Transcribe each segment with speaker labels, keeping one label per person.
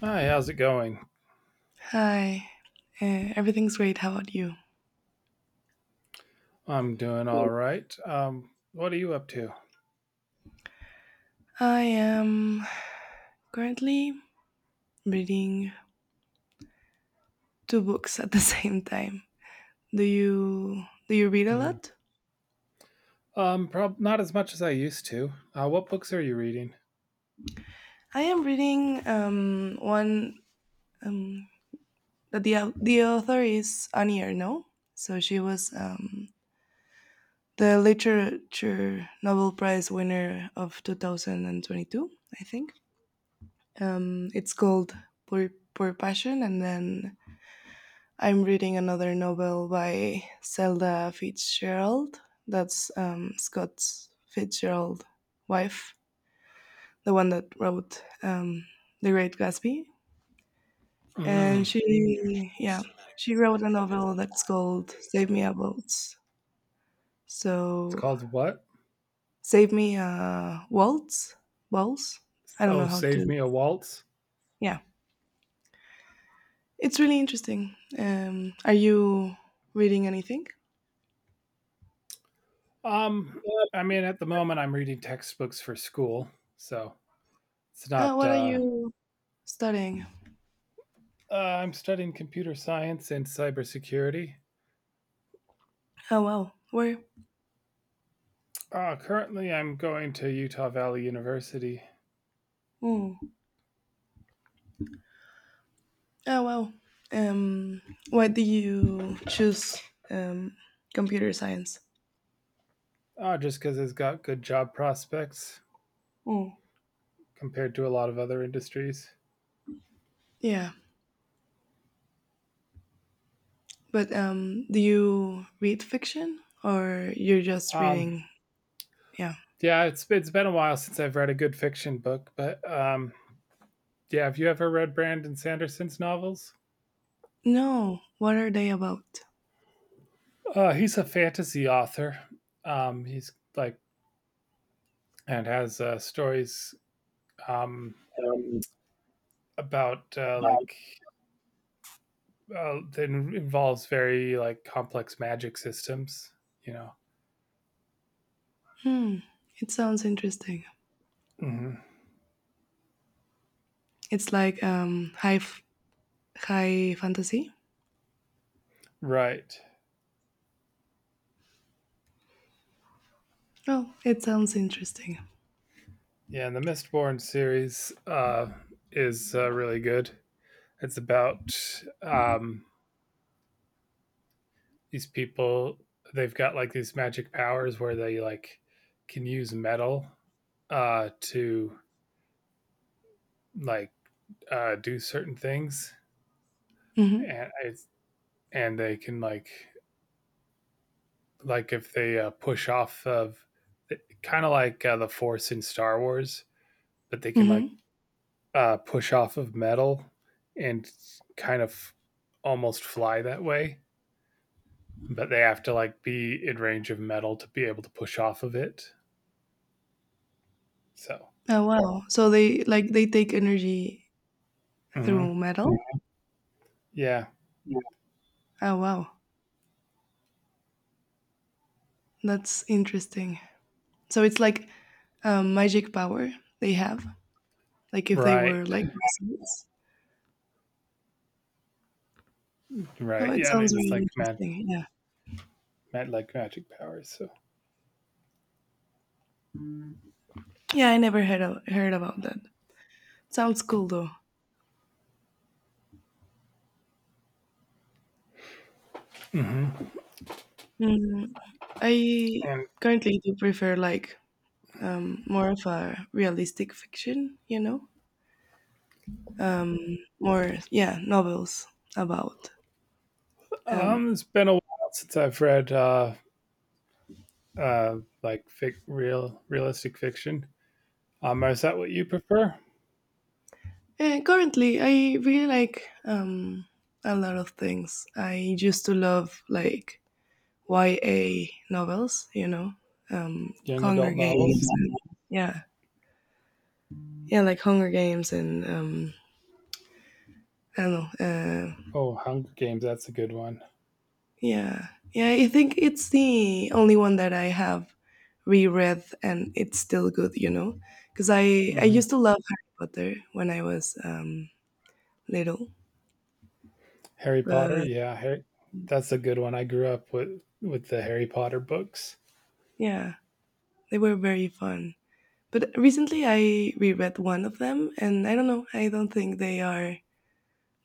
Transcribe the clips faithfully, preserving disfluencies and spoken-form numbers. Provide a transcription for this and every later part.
Speaker 1: Hi, how's it going?
Speaker 2: Hi, uh, everything's great. How about you?
Speaker 1: I'm doing all right. Um, what are you up to?
Speaker 2: I am currently reading two books at the same time. Do you do you read a
Speaker 1: Mm.
Speaker 2: lot?
Speaker 1: Um, prob not as much as I used to. Uh, what books are you reading?
Speaker 2: I am reading um, one um, that the au- the author is Annie Ernaux. So she was um, the literature Nobel Prize winner of twenty twenty-two, I think. Um, it's called Poor, Poor Passion, and then I'm reading another novel by Zelda Fitzgerald. That's um, Scott Fitzgerald's wife, the one that wrote um, The Great Gatsby. And
Speaker 1: Mm.
Speaker 2: she, yeah, she wrote a novel that's called Save Me a Waltz.
Speaker 1: It's
Speaker 2: So,
Speaker 1: called what?
Speaker 2: Save Me a Waltz? Waltz? I don't know
Speaker 1: Oh,
Speaker 2: how
Speaker 1: Save
Speaker 2: to.
Speaker 1: Me a Waltz.
Speaker 2: Yeah, it's really interesting. Um, are you reading anything?
Speaker 1: Um, I mean, at the moment, I'm reading textbooks for school, so it's
Speaker 2: Uh,
Speaker 1: not.
Speaker 2: what are
Speaker 1: Uh,
Speaker 2: you studying?
Speaker 1: uh, I'm studying computer science and cybersecurity.
Speaker 2: Oh, wow. Where?
Speaker 1: Uh, currently, I'm going to Utah Valley University,
Speaker 2: Mm. Oh wow. Um, why do you choose um, computer science?
Speaker 1: uh, just because it's got good job prospects
Speaker 2: Mm.
Speaker 1: compared to a lot of other industries.
Speaker 2: Yeah, but um, do you read fiction or you're just
Speaker 1: Um,
Speaker 2: reading? Yeah.
Speaker 1: Yeah, it's it's been a while since I've read a good fiction book, but um, yeah, have you ever read Brandon Sanderson's novels?
Speaker 2: No. What are they about?
Speaker 1: Uh, he's a fantasy author. Um, he's like and has uh, stories um, about uh, like uh, that involves very like complex magic systems. You know,
Speaker 2: Hmm. It sounds interesting.
Speaker 1: mm-hmm.
Speaker 2: It's like um, high f- high fantasy.
Speaker 1: Right?
Speaker 2: Oh, it sounds interesting.
Speaker 1: Yeah, and the Mistborn series uh, is uh, really good. It's about um, these people, they've got like these magic powers where they like can use metal uh to like uh do certain things,
Speaker 2: Mm-hmm.
Speaker 1: and it's and they can like like if they uh, push off of, kind of like uh, the force in Star Wars, but they can like
Speaker 2: Mm-hmm.
Speaker 1: uh push off of metal and kind of almost fly that way, but they have to like be in range of metal to be able to push off of it, so.
Speaker 2: Oh wow. So they like they take energy through
Speaker 1: Mhm.
Speaker 2: metal.
Speaker 1: Yeah.
Speaker 2: Oh wow. That's interesting. So it's like um, magic power they have. Like if they
Speaker 1: Right,
Speaker 2: were like wizards. Well,
Speaker 1: right.
Speaker 2: it
Speaker 1: Yeah,
Speaker 2: sounds
Speaker 1: it's
Speaker 2: really
Speaker 1: like mag,
Speaker 2: interesting. Yeah,
Speaker 1: mag like magic powers. So.
Speaker 2: yeah. I never heard of, heard about that. Sounds cool though.
Speaker 1: Mhm.
Speaker 2: Mm, I
Speaker 1: and
Speaker 2: currently do prefer like um, more of a realistic fiction. You know, um, more yeah novels about. Um,
Speaker 1: um, it's been a while since I've read uh, uh, like fic, real realistic fiction. Um, is that what you prefer?
Speaker 2: eh, Currently, I really like um, a lot of things. I used to love like Y A novels, you know, um,
Speaker 1: Young
Speaker 2: Hunger
Speaker 1: adult
Speaker 2: Games.
Speaker 1: novels?
Speaker 2: And, yeah, yeah, like Hunger Games and um, I don't know. Uh,
Speaker 1: Oh, Hunger Games. That's a good one.
Speaker 2: yeah, yeah, I think it's the only one that I have reread and it's still good, you know, because I I
Speaker 1: Hmm.
Speaker 2: used to love Harry Potter when I was um, little,
Speaker 1: Harry Potter.
Speaker 2: but
Speaker 1: Yeah, Harry, that's a good one. I grew up with with the Harry Potter books.
Speaker 2: yeah, they were very fun. But recently I reread one of them, and I don't know, I don't think they are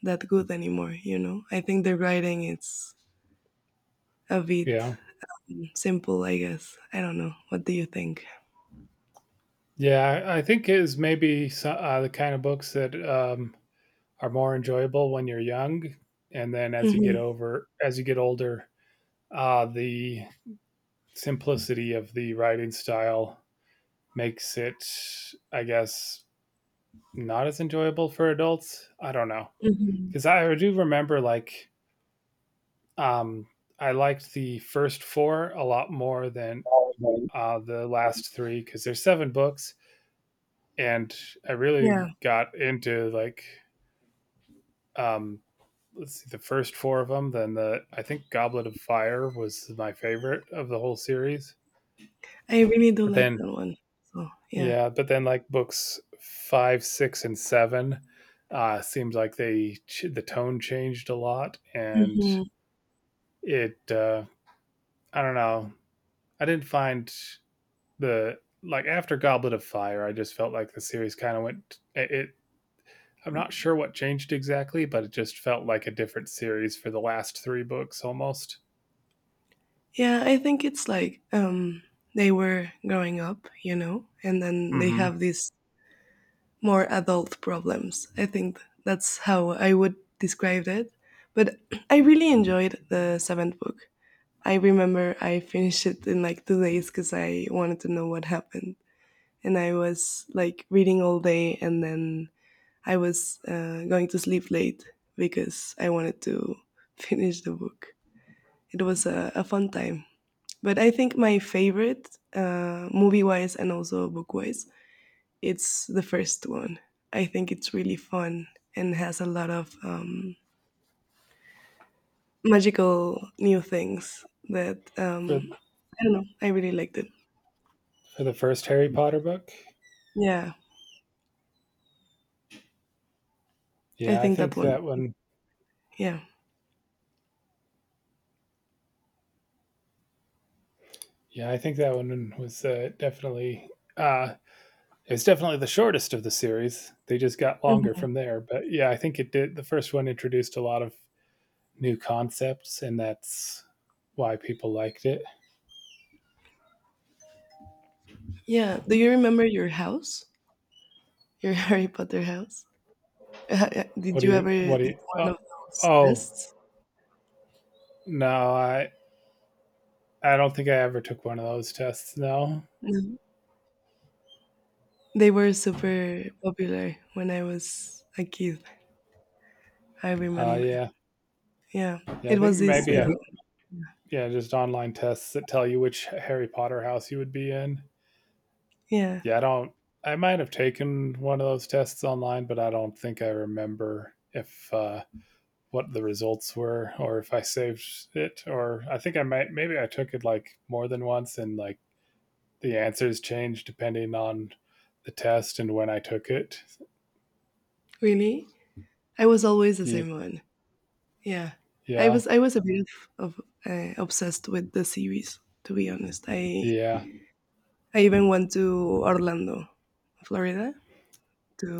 Speaker 2: that good anymore, you know? I think the writing is a bit
Speaker 1: Yeah,
Speaker 2: simple, I guess. I don't know. What do you think?
Speaker 1: yeah. I I think it is maybe so- uh, the kind of books that um, are more enjoyable when you're young, and then as you get
Speaker 2: Hmm.
Speaker 1: over, as you get older, uh, the simplicity of the writing style makes it, I guess, not as enjoyable for adults. I don't know,
Speaker 2: Hmm.
Speaker 1: because I do remember, like, um, I liked the first four a lot more than uh, the last three, because there's seven books, and I
Speaker 2: Yeah,
Speaker 1: really got into, like, um, let's see, the first four of them. Then the I think Goblet of Fire was my favorite of the whole series.
Speaker 2: I really do
Speaker 1: But
Speaker 2: like
Speaker 1: then
Speaker 2: that one. So, yeah.
Speaker 1: yeah, but then like books five, six, and seven uh, seems like they the tone changed a lot, and
Speaker 2: Hmm.
Speaker 1: it uh, I don't know. I didn't find the like, after Goblet of Fire, I just felt like the series kind of went it. It I'm not sure what changed exactly, but it just felt like a different series for the last three books almost.
Speaker 2: Yeah, I think it's like um, they were growing up, you know, and then they
Speaker 1: Mm-hmm.
Speaker 2: have these more adult problems. I think that's how I would describe it. But I really enjoyed the seventh book. I remember I finished it in like two days because I wanted to know what happened. And I was like reading all day and then I was uh, going to sleep late because I wanted to finish the book. It was a, a fun time. But I think my favorite, uh, movie wise and also book wise, it's the first one. I think it's really fun and has a lot of um, magical new things that um,
Speaker 1: For
Speaker 2: I don't know. I really liked it.
Speaker 1: For the first Harry Potter book?
Speaker 2: Yeah. I
Speaker 1: Yeah, I
Speaker 2: think that
Speaker 1: think
Speaker 2: one.
Speaker 1: that one.
Speaker 2: Yeah.
Speaker 1: Yeah, I think that one was uh, definitely. Uh, it was definitely the shortest of the series. They just got longer
Speaker 2: Mhm.
Speaker 1: from there. But yeah, I think it did. The first one introduced a lot of new concepts, and that's why people liked it.
Speaker 2: Yeah. Do you remember your house? Your Harry Potter house? Uh, uh,
Speaker 1: What
Speaker 2: Did
Speaker 1: do
Speaker 2: you ever
Speaker 1: you? What do
Speaker 2: did
Speaker 1: you? Oh,
Speaker 2: one of those
Speaker 1: oh
Speaker 2: tests?
Speaker 1: no, I I don't think I ever took one of those tests. No.
Speaker 2: No. They were super popular when I was a kid. I
Speaker 1: Uh,
Speaker 2: remember.
Speaker 1: yeah,
Speaker 2: Yeah.
Speaker 1: yeah. I
Speaker 2: It
Speaker 1: think
Speaker 2: was this
Speaker 1: maybe
Speaker 2: uh,
Speaker 1: I yeah just online tests that tell you which Harry Potter house you would be in.
Speaker 2: yeah.
Speaker 1: Yeah, I don't. I might have taken one of those tests online, but I don't think I remember if uh, what the results were, or if I saved it. Or I think I might. Maybe I took it like more than once, and like, the answers changed depending on the test and when I took it.
Speaker 2: Really? I was always the
Speaker 1: Ye-
Speaker 2: same one. Yeah. I
Speaker 1: Yeah,
Speaker 2: was I was a bit of, of uh, obsessed with the series to be honest. I
Speaker 1: yeah,
Speaker 2: I even went to Orlando, Florida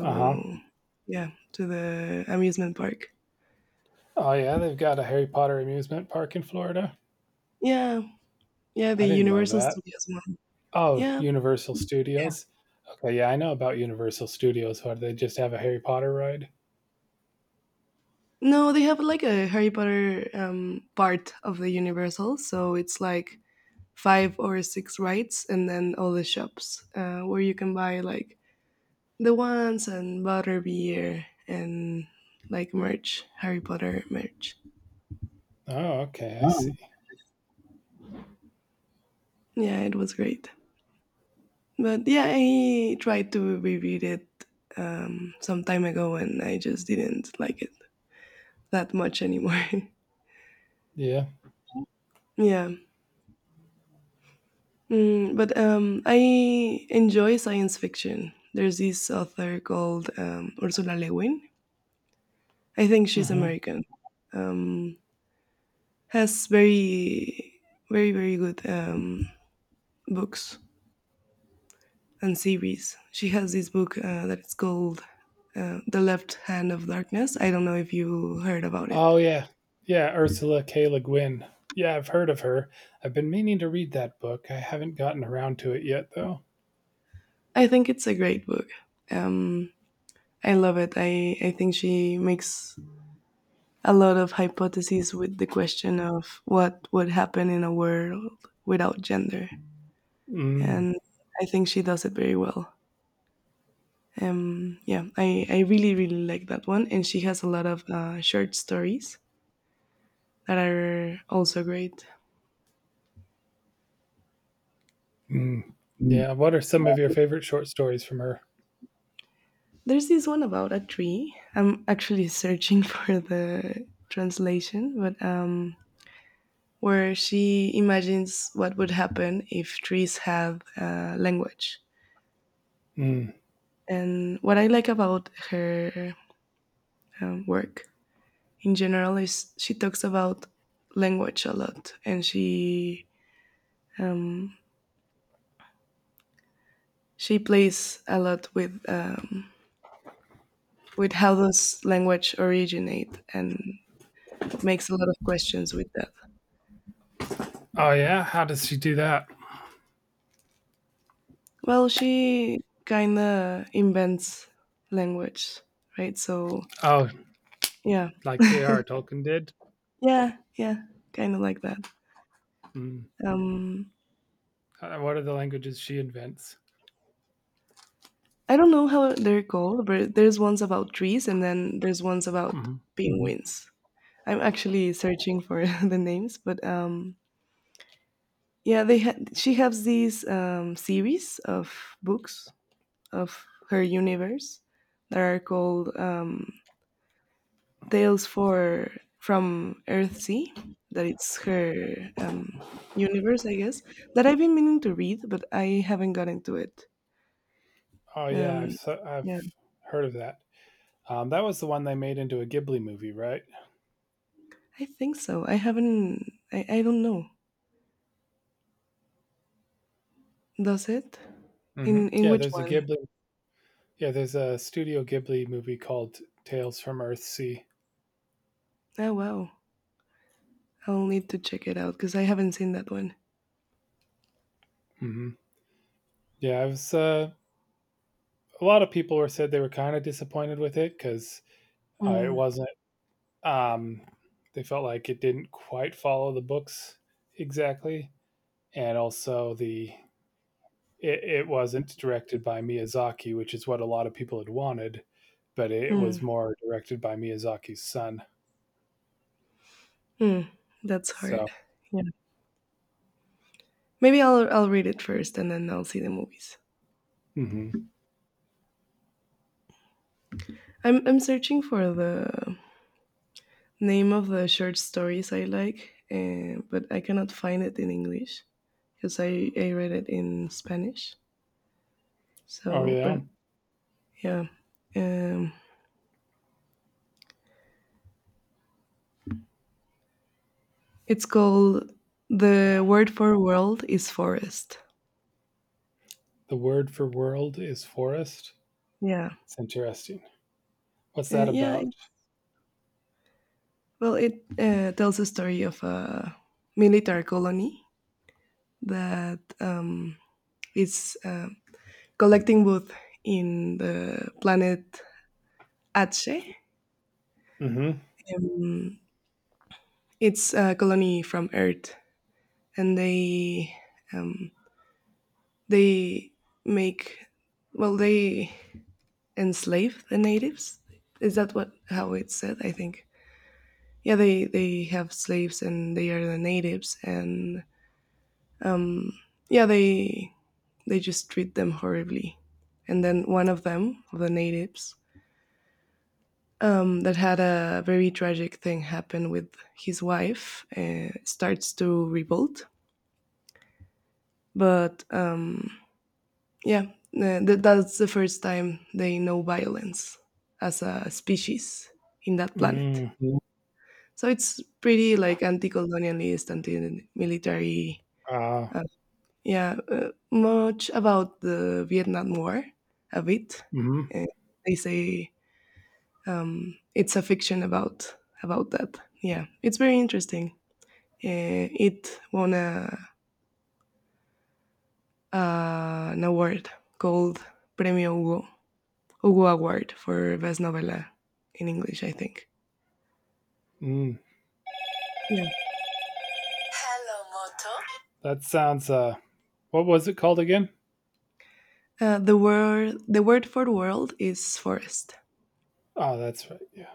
Speaker 1: uh huh.
Speaker 2: yeah, to the amusement park.
Speaker 1: Oh yeah, they've got a Harry Potter amusement park in Florida.
Speaker 2: Yeah, yeah, the
Speaker 1: I didn't know
Speaker 2: Universal
Speaker 1: that.
Speaker 2: Studios one.
Speaker 1: Oh,
Speaker 2: Yeah.
Speaker 1: Universal Studios. Okay, yeah, I know about Universal Studios. What, do they just have a Harry Potter ride?
Speaker 2: No, they have like a Harry Potter um, part of the Universal, so it's like five or six rides, and then all the shops uh, where you can buy like the ones and butter beer and like merch, Harry Potter merch.
Speaker 1: Oh, okay, I see.
Speaker 2: Yeah, it was great. But yeah, I tried to reread it um, some time ago, and I just didn't like it that much anymore.
Speaker 1: Yeah.
Speaker 2: Yeah. Mm, but um, I enjoy science fiction. There's this author called um, Ursula Le Guin. I think she's
Speaker 1: Hmm.
Speaker 2: American. Um, has very, very, very good um, books and series. She has this book uh, that is called uh, The Left Hand of Darkness. I don't know if you heard about it.
Speaker 1: Oh, yeah, yeah. Ursula K. Le Guin. Yeah, I've heard of her. I've been meaning to read that book. I haven't gotten around to it yet, though.
Speaker 2: I think it's a great book. Um, I love it. I, I think she makes a lot of hypotheses with the question of what would happen in a world without gender.
Speaker 1: Mm.
Speaker 2: And I think she does it very well. Um, yeah, I, I really, really like that one. And she has a lot of uh, short stories that are also great.
Speaker 1: Mm. Yeah. What are some of your favorite short stories from her?
Speaker 2: There's this one about a tree. I'm actually searching for the translation, but um, where she imagines what would happen if trees have uh, language.
Speaker 1: Mm.
Speaker 2: And what I like about her um, work in general is she talks about language a lot and she um, she plays a lot with um, with how does language originate and makes a lot of questions with that.
Speaker 1: Oh, yeah. How does she do that?
Speaker 2: Well, she kind of invents language, right? So
Speaker 1: Oh,
Speaker 2: yeah,
Speaker 1: like J R. Tolkien did.
Speaker 2: yeah, yeah, kind of like that.
Speaker 1: Mm.
Speaker 2: um,
Speaker 1: Uh, What are the languages she invents?
Speaker 2: I don't know how they're called, but there's ones about trees and then there's ones about
Speaker 1: Mhm.
Speaker 2: penguins. I'm actually searching for the names, but um, yeah, they ha- she has these um, series of books of her universe that are called um, Tales for from Earthsea. That it's her um, universe, I guess. That I've been meaning to read, but I haven't gotten to it.
Speaker 1: Oh, yeah.
Speaker 2: Um,
Speaker 1: I've so, I've
Speaker 2: yeah,
Speaker 1: heard of that. Um, that was the one they made into a Ghibli movie, right?
Speaker 2: I think so. I haven't. I, I don't know. Does it?
Speaker 1: Hmm.
Speaker 2: In in
Speaker 1: Yeah.
Speaker 2: which
Speaker 1: There's a
Speaker 2: one?
Speaker 1: Ghibli Yeah, there's a Studio Ghibli movie called Tales from Earthsea.
Speaker 2: Oh wow. I'll need to check it out because I haven't seen that one.
Speaker 1: Mm-hmm. Yeah, I was. Uh, a lot of people were said they were kind of disappointed with it, because uh, it
Speaker 2: Mm,
Speaker 1: wasn't. Um, they felt like it didn't quite follow the books exactly, and also the it, it wasn't directed by Miyazaki, which is what a lot of people had wanted, but it
Speaker 2: mm,
Speaker 1: was more directed by Miyazaki's son.
Speaker 2: mm. That's hard.
Speaker 1: So,
Speaker 2: Yeah. Maybe I'll I'll read it first and then I'll see the movies.
Speaker 1: mm-hmm.
Speaker 2: I'm I'm searching for the name of the short stories I like, uh, but I cannot find it in English because I I read it in Spanish.
Speaker 1: Oh
Speaker 2: So,
Speaker 1: yeah,
Speaker 2: but yeah, um, it's called The Word for World is Forest.
Speaker 1: the word for world is forest.
Speaker 2: Yeah,
Speaker 1: It's interesting. What's
Speaker 2: uh,
Speaker 1: that
Speaker 2: yeah.
Speaker 1: about?
Speaker 2: Well, it uh, tells a story of a military colony that um, is uh, collecting wood in the planet Atse.
Speaker 1: Mhm.
Speaker 2: Um, it's a colony from Earth, and they um, they make well they enslave the natives. Is that what how it's said? I think. Yeah, they they have slaves and they are the natives, and um, yeah, they they just treat them horribly. And then one of them, of the natives, um, that had a very tragic thing happen with his wife, uh, starts to revolt. But um, yeah, uh, th- that's the first time they know violence as a species in that planet.
Speaker 1: Mm.
Speaker 2: So it's pretty like anti-colonialist, anti-military.
Speaker 1: Ah.
Speaker 2: Uh, yeah, uh, much about the Vietnam War, a bit.
Speaker 1: Mhm.
Speaker 2: Uh, they say um, it's a fiction about about that. Yeah, it's very interesting. Uh, it won a, uh, an award called Premio Hugo, Hugo Award for best novela in English, I think.
Speaker 1: Mm.
Speaker 2: Yeah.
Speaker 1: Hello, Moto. That sounds. Uh. What was it called again?
Speaker 2: Uh, the word the word for world is forest.
Speaker 1: Oh, that's right. Yeah.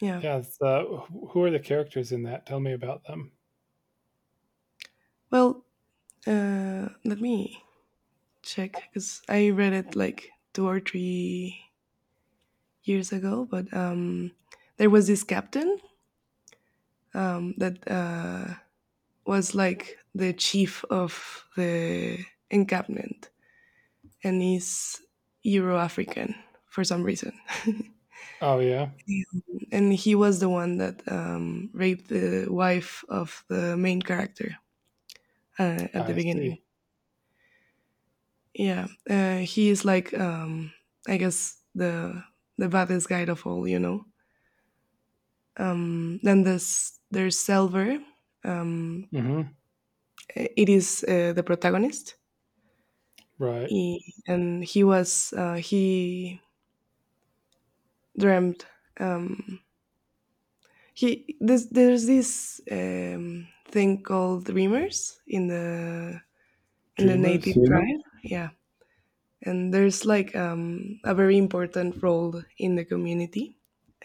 Speaker 2: Yeah.
Speaker 1: Yeah. It's, uh. wh- Who are the characters in that? Tell me about them.
Speaker 2: Well, uh, let me check because I read it like two or three years ago, but um, there was this captain um, that uh, was like the chief of the encampment and he's Euro African for some reason.
Speaker 1: Oh yeah.
Speaker 2: And he was the one that um, raped the wife of the main character uh, at the
Speaker 1: I see.
Speaker 2: beginning. Yeah, uh, he is like um, I guess the the baddest guy of all, you know. Um, then there's there's Selver. Um,
Speaker 1: Mhm.
Speaker 2: it is uh, the protagonist,
Speaker 1: Right.
Speaker 2: he, and he was uh, he dreamt. Um, he this, there's this um, thing called dreamers in the in the native
Speaker 1: Dreamers.
Speaker 2: Dreamer tribe. Yeah, and there's like um, a very important role in the community,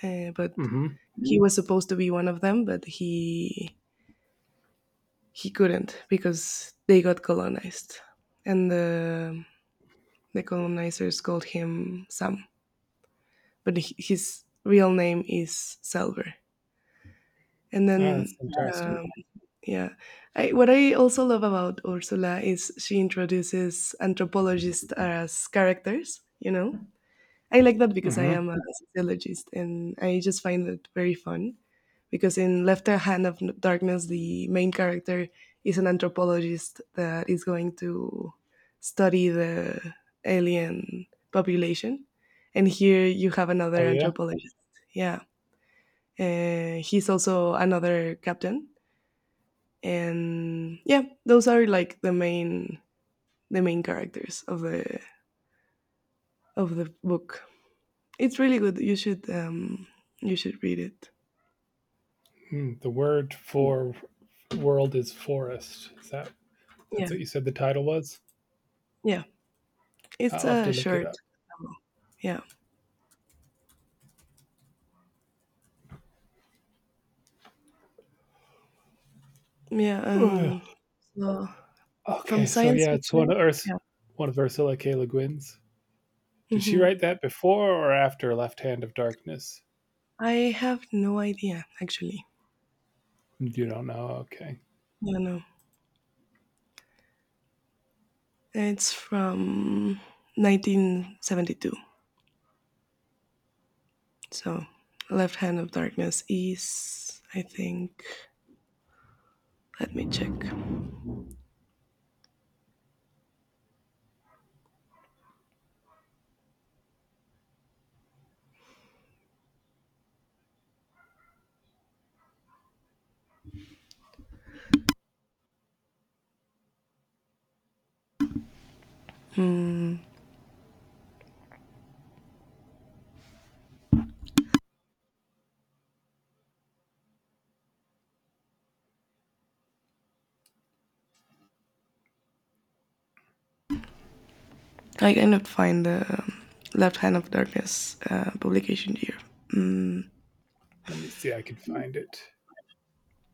Speaker 2: uh, but
Speaker 1: Mhm.
Speaker 2: he was supposed to be one of them, but he he couldn't because they got colonized, and the the colonizers called him Sam, but his real name is Selver. And
Speaker 1: Ah, that's
Speaker 2: then
Speaker 1: interesting.
Speaker 2: um, yeah. I, what I also love about Ursula is she introduces anthropologists as characters, you know? I like that because I am
Speaker 1: Mhm.
Speaker 2: a sociologist and I just find it very fun. Because in Left Hand of Darkness, the main character is an anthropologist that is going to study the alien population. And here you have another
Speaker 1: Oh yeah.
Speaker 2: anthropologist. Yeah. Uh, he's also another captain, and yeah, those are like the main, the main characters of the, of the book. It's really good. You should um you should read it.
Speaker 1: Mm. The word
Speaker 2: Mm,
Speaker 1: for world is forest. Is that?
Speaker 2: yeah,
Speaker 1: That's what you said the title was.
Speaker 2: yeah, it's
Speaker 1: I'll have to
Speaker 2: a
Speaker 1: look it
Speaker 2: short
Speaker 1: up.
Speaker 2: novel. Yeah, yeah.
Speaker 1: Ugh.
Speaker 2: Um so from
Speaker 1: Okay. So
Speaker 2: science
Speaker 1: yeah, it's one
Speaker 2: fiction.
Speaker 1: of Earth.
Speaker 2: Yeah.
Speaker 1: one of Ursula K. Le Guin's. Did she
Speaker 2: Hmm.
Speaker 1: write that before or after Left Hand of Darkness?
Speaker 2: I have no idea actually.
Speaker 1: You don't know. Okay.
Speaker 2: Yeah, no, it's from nineteen seventy-two. So Left Hand of Darkness is, I think, let me check. I kind of find the um, Left Hand of Darkness uh, publication here. Mm,
Speaker 1: Let me see. I can find it.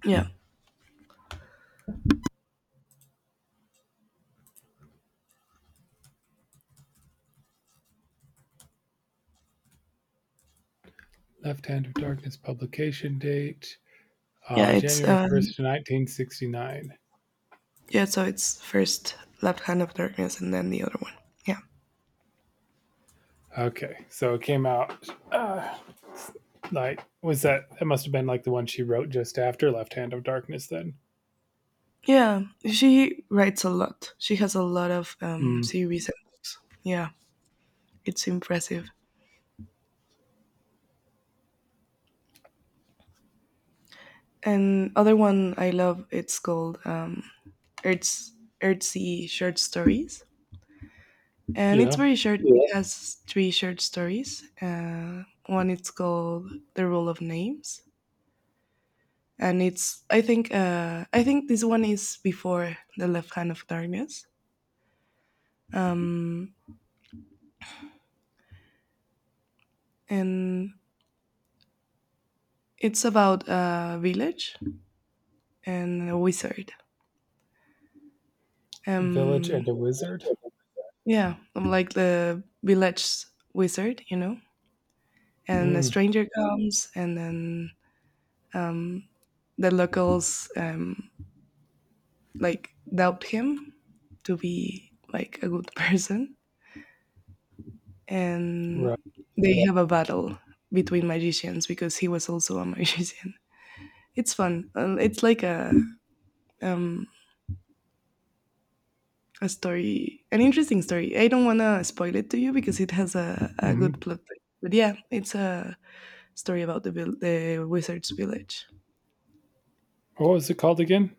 Speaker 2: yeah,
Speaker 1: Left Hand of Darkness publication date
Speaker 2: yeah,
Speaker 1: uh,
Speaker 2: it's uh,
Speaker 1: January first, nineteen sixty-nine.
Speaker 2: yeah. So it's first Left Hand of Darkness and then the other one. Yeah,
Speaker 1: Okay. So it came out uh, like, was that, that must have been like the one she wrote just after Left Hand of Darkness then.
Speaker 2: yeah. She writes a lot. She has a lot of um,
Speaker 1: Mm,
Speaker 2: series and books. Yeah, it's impressive. And other one I love. It's called um, Earth's Earthsea Short Stories, and it's
Speaker 1: yeah.
Speaker 2: very short. It has three short stories. Uh, one it's called The Rule of Names, and it's I think uh, I think this one is before the Left Hand of Darkness, um, and it's about a village and a wizard.
Speaker 1: Village
Speaker 2: Um,
Speaker 1: and a Wizard.
Speaker 2: yeah, I'm like the village wizard, you know. And a
Speaker 1: Mm,
Speaker 2: stranger comes, and then um, the locals um, like doubt him to be like a good person and
Speaker 1: right.
Speaker 2: they have a battle between magicians because he was also a magician. It's fun. Uh, It's like a um, a story, an interesting story. I don't want to spoil it to you because it has a, a good
Speaker 1: Hmm.
Speaker 2: plot twist. But yeah, it's a story about the vil- the wizard's village.
Speaker 1: What was it called again?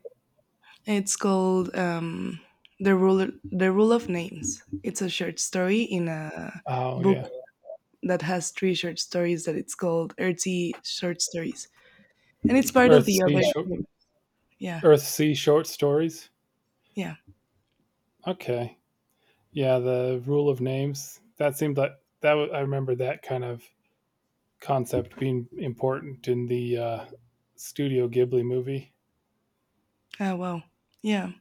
Speaker 2: It's called um, the rule the rule of names. It's a short story in a
Speaker 1: Oh,
Speaker 2: book
Speaker 1: yeah.
Speaker 2: that has three short stories that it's called Earthy Short Stories, and it's part of
Speaker 1: Earth
Speaker 2: the
Speaker 1: Sea, short,
Speaker 2: other. Yeah.
Speaker 1: Earth sea Short Stories.
Speaker 2: Yeah.
Speaker 1: Okay. Yeah, the rule of names. That seemed like that. wa- I remember that kind of concept being important in the uh, Studio Ghibli movie.
Speaker 2: Ah, wow. Yeah.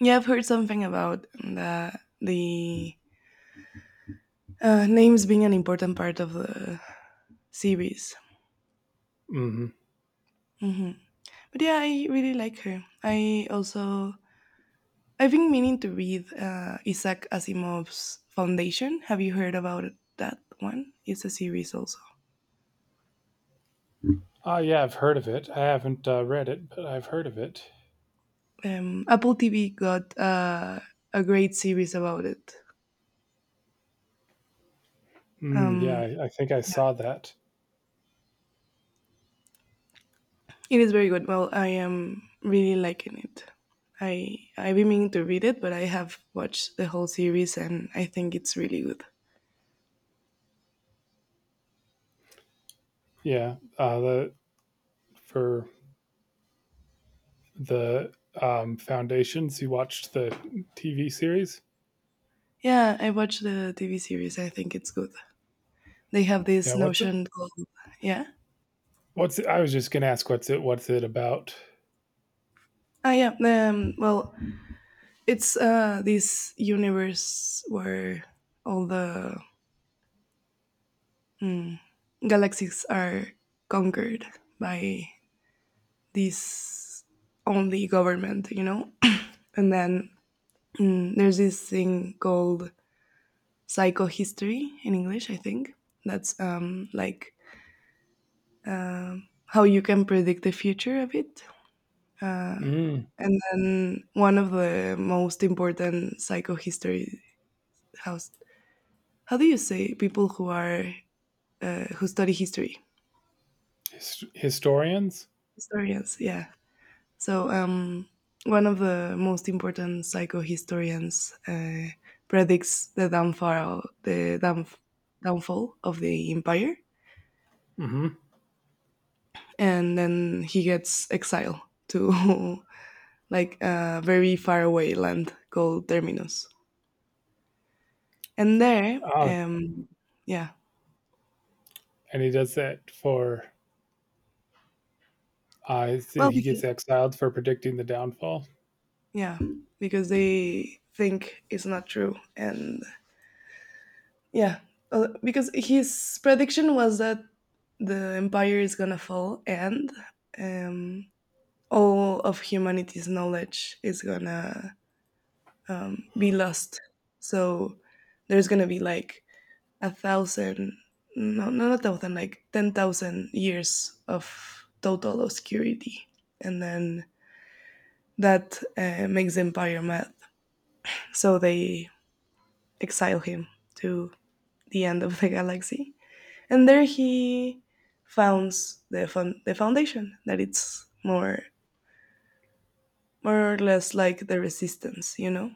Speaker 2: Yeah, I've heard something about the the uh, names being an important part of the series.
Speaker 1: Mm-hmm.
Speaker 2: Hmm. But yeah, I really like her. I also I've been meaning to read uh, Isaac Asimov's Foundation. Have you heard about that one? It's a series also.
Speaker 1: Oh yeah, I've heard of it. I haven't uh, read it, but I've heard of it.
Speaker 2: Um, Apple T V got uh, a great series about it.
Speaker 1: Mm, yeah,
Speaker 2: Um,
Speaker 1: I, I think I saw that.
Speaker 2: It is very good. Well, I am really liking it. I I've been meaning to read it, but I have watched the whole series, and I think it's really good.
Speaker 1: Yeah, uh, the for the um, foundations, you watched the T V series.
Speaker 2: Yeah, I watched the T V series. I think it's good. They have this
Speaker 1: Yeah, what's it?
Speaker 2: notion called. Yeah.
Speaker 1: What's it? I was just gonna ask, what's it? What's it about?
Speaker 2: Ah, yeah. Um, well, it's uh, this universe where all the galaxies are conquered by this only government, you know. And then mm, there's this thing called psychohistory in English, I think. That's um, like uh, how you can predict the future of it. Uh,
Speaker 1: Mm,
Speaker 2: and then one of the most important psychohistory, how, how do you say, people who are, uh, who study history?
Speaker 1: his, historians.
Speaker 2: Historians, yeah. So, um, one of the most important psychohistorians uh, predicts the downfall, the down downfall of the empire,
Speaker 1: Mm-hmm.
Speaker 2: and then he gets exiled to like a very far away land called Terminus. And there, um, yeah,
Speaker 1: And he does that for uh,
Speaker 2: well,
Speaker 1: he
Speaker 2: because,
Speaker 1: gets exiled for predicting the downfall.
Speaker 2: yeah, because they think it's not true, and yeah, uh, because his prediction was that the empire is gonna fall, and um, all of humanity's knowledge is gonna um, be lost. So there's gonna be like a thousand, no, no, not a thousand, like ten thousand years of total obscurity, and then that uh, makes the Empire mad. So they exile him to the end of the galaxy, and there he founds the fun- the foundation that it's more more or less like the resistance, you know.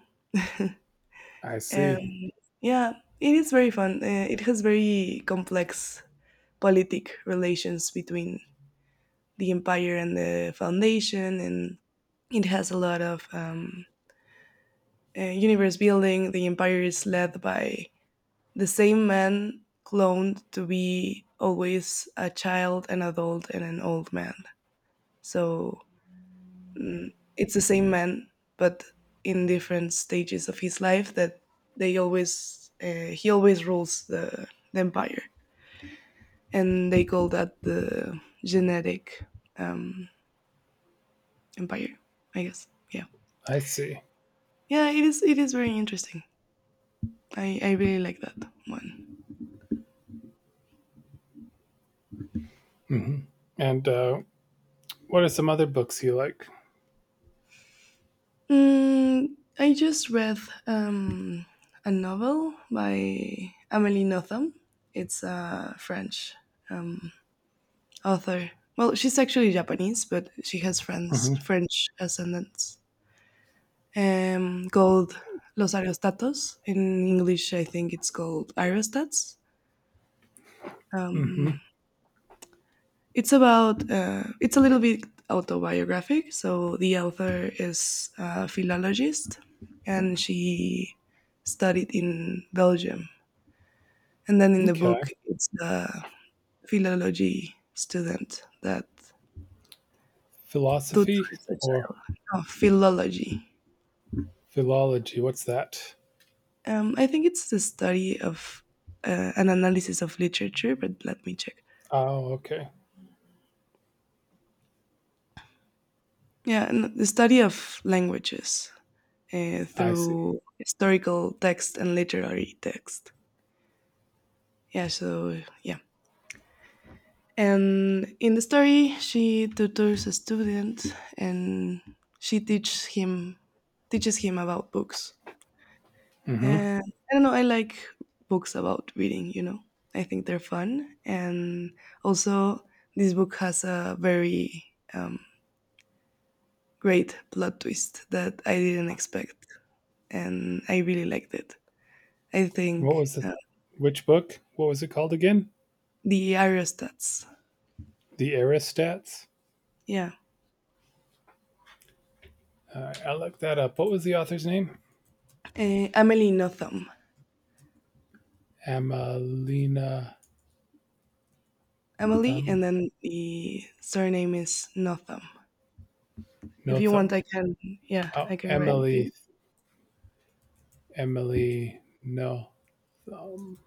Speaker 1: I see.
Speaker 2: And yeah, it is very fun. Uh, it has very complex politic relations between the empire and the foundation, and it has a lot of um, uh, universe building. The empire is led by the same man cloned to be always a child, an adult, and an old man. So, mm, it's the same man, but in different stages of his life that they always uh, he always rules the, the empire, and they call that the genetic, um, empire, I guess. Yeah.
Speaker 1: I see.
Speaker 2: Yeah, it is it is very interesting. I i really like that one.
Speaker 1: Hmm. And uh, what are some other books you like?
Speaker 2: mm, I just read um a novel by Amelie Nothomb. It's a French author. Well, she's actually Japanese, but she has french
Speaker 1: Hmm.
Speaker 2: french ascendants. um called Los Aerostátos. In English, I think it's called Aerostats.
Speaker 1: Hmm.
Speaker 2: It's about, uh, it's a little bit autobiographic. So the author is a philologist, and she studied in Belgium. And then in the
Speaker 1: Okay,
Speaker 2: book, it's the philology student that
Speaker 1: philosophy
Speaker 2: tutors a
Speaker 1: or
Speaker 2: child. No, philology.
Speaker 1: philology? What's that?
Speaker 2: Um, I think it's the study of uh, an analysis of literature, but let me check.
Speaker 1: Oh, okay.
Speaker 2: Yeah, and the study of languages uh,
Speaker 1: I see.
Speaker 2: through historical text and literary text. Yeah, so yeah, and in the story she tutors a student, and she teaches him, teaches him about books.
Speaker 1: Hmm.
Speaker 2: And I don't know, I like books about reading you know I think they're fun, and also this book has a very um, great plot twist that I didn't expect, and I really liked it. I
Speaker 1: What
Speaker 2: think.
Speaker 1: was the
Speaker 2: Uh,
Speaker 1: which book? What was it called again?
Speaker 2: the Aerostats.
Speaker 1: The Aristats.
Speaker 2: Yeah.
Speaker 1: Uh, I looked that up. What was the author's name?
Speaker 2: Uh, amelie Notham.
Speaker 1: Emelina
Speaker 2: Emily,
Speaker 1: Thumb?
Speaker 2: and then the surname is Notham. If
Speaker 1: No
Speaker 2: you want, I
Speaker 1: Thumb.
Speaker 2: can, yeah,
Speaker 1: Oh,
Speaker 2: I can write it to
Speaker 1: Emily
Speaker 2: you.
Speaker 1: Emily. No. Um,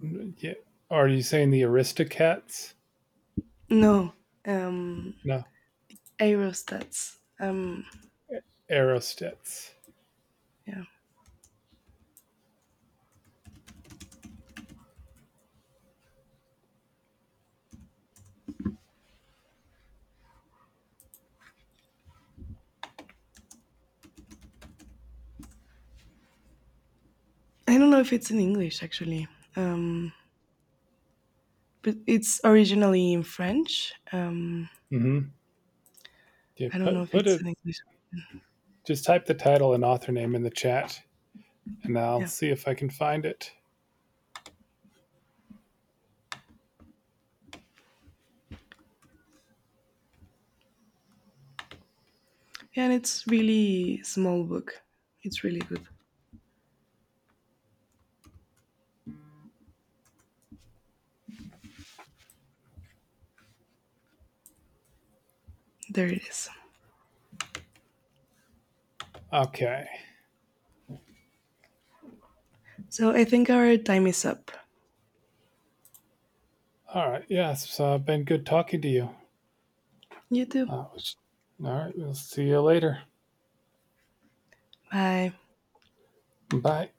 Speaker 1: yeah. Are you saying the Aristocats?
Speaker 2: No. um,
Speaker 1: No.
Speaker 2: Aerostats. Um,
Speaker 1: Aerostets.
Speaker 2: yeah, I don't know if it's in English actually, um, but it's originally in French. Um,
Speaker 1: Mm-hmm. Yeah.
Speaker 2: I don't know
Speaker 1: Put
Speaker 2: if
Speaker 1: put
Speaker 2: it's
Speaker 1: it.
Speaker 2: in English.
Speaker 1: Just type the title and author name in the chat, and I'll
Speaker 2: Yeah,
Speaker 1: see if I can find it.
Speaker 2: yeah, and it's really small book. It's really good. There it is.
Speaker 1: Okay.
Speaker 2: So I think our time is up.
Speaker 1: All right. Yes. Yeah, so, uh, been good talking to you.
Speaker 2: You
Speaker 1: Uh,
Speaker 2: too.
Speaker 1: all right. We'll see you later.
Speaker 2: Bye.
Speaker 1: Bye.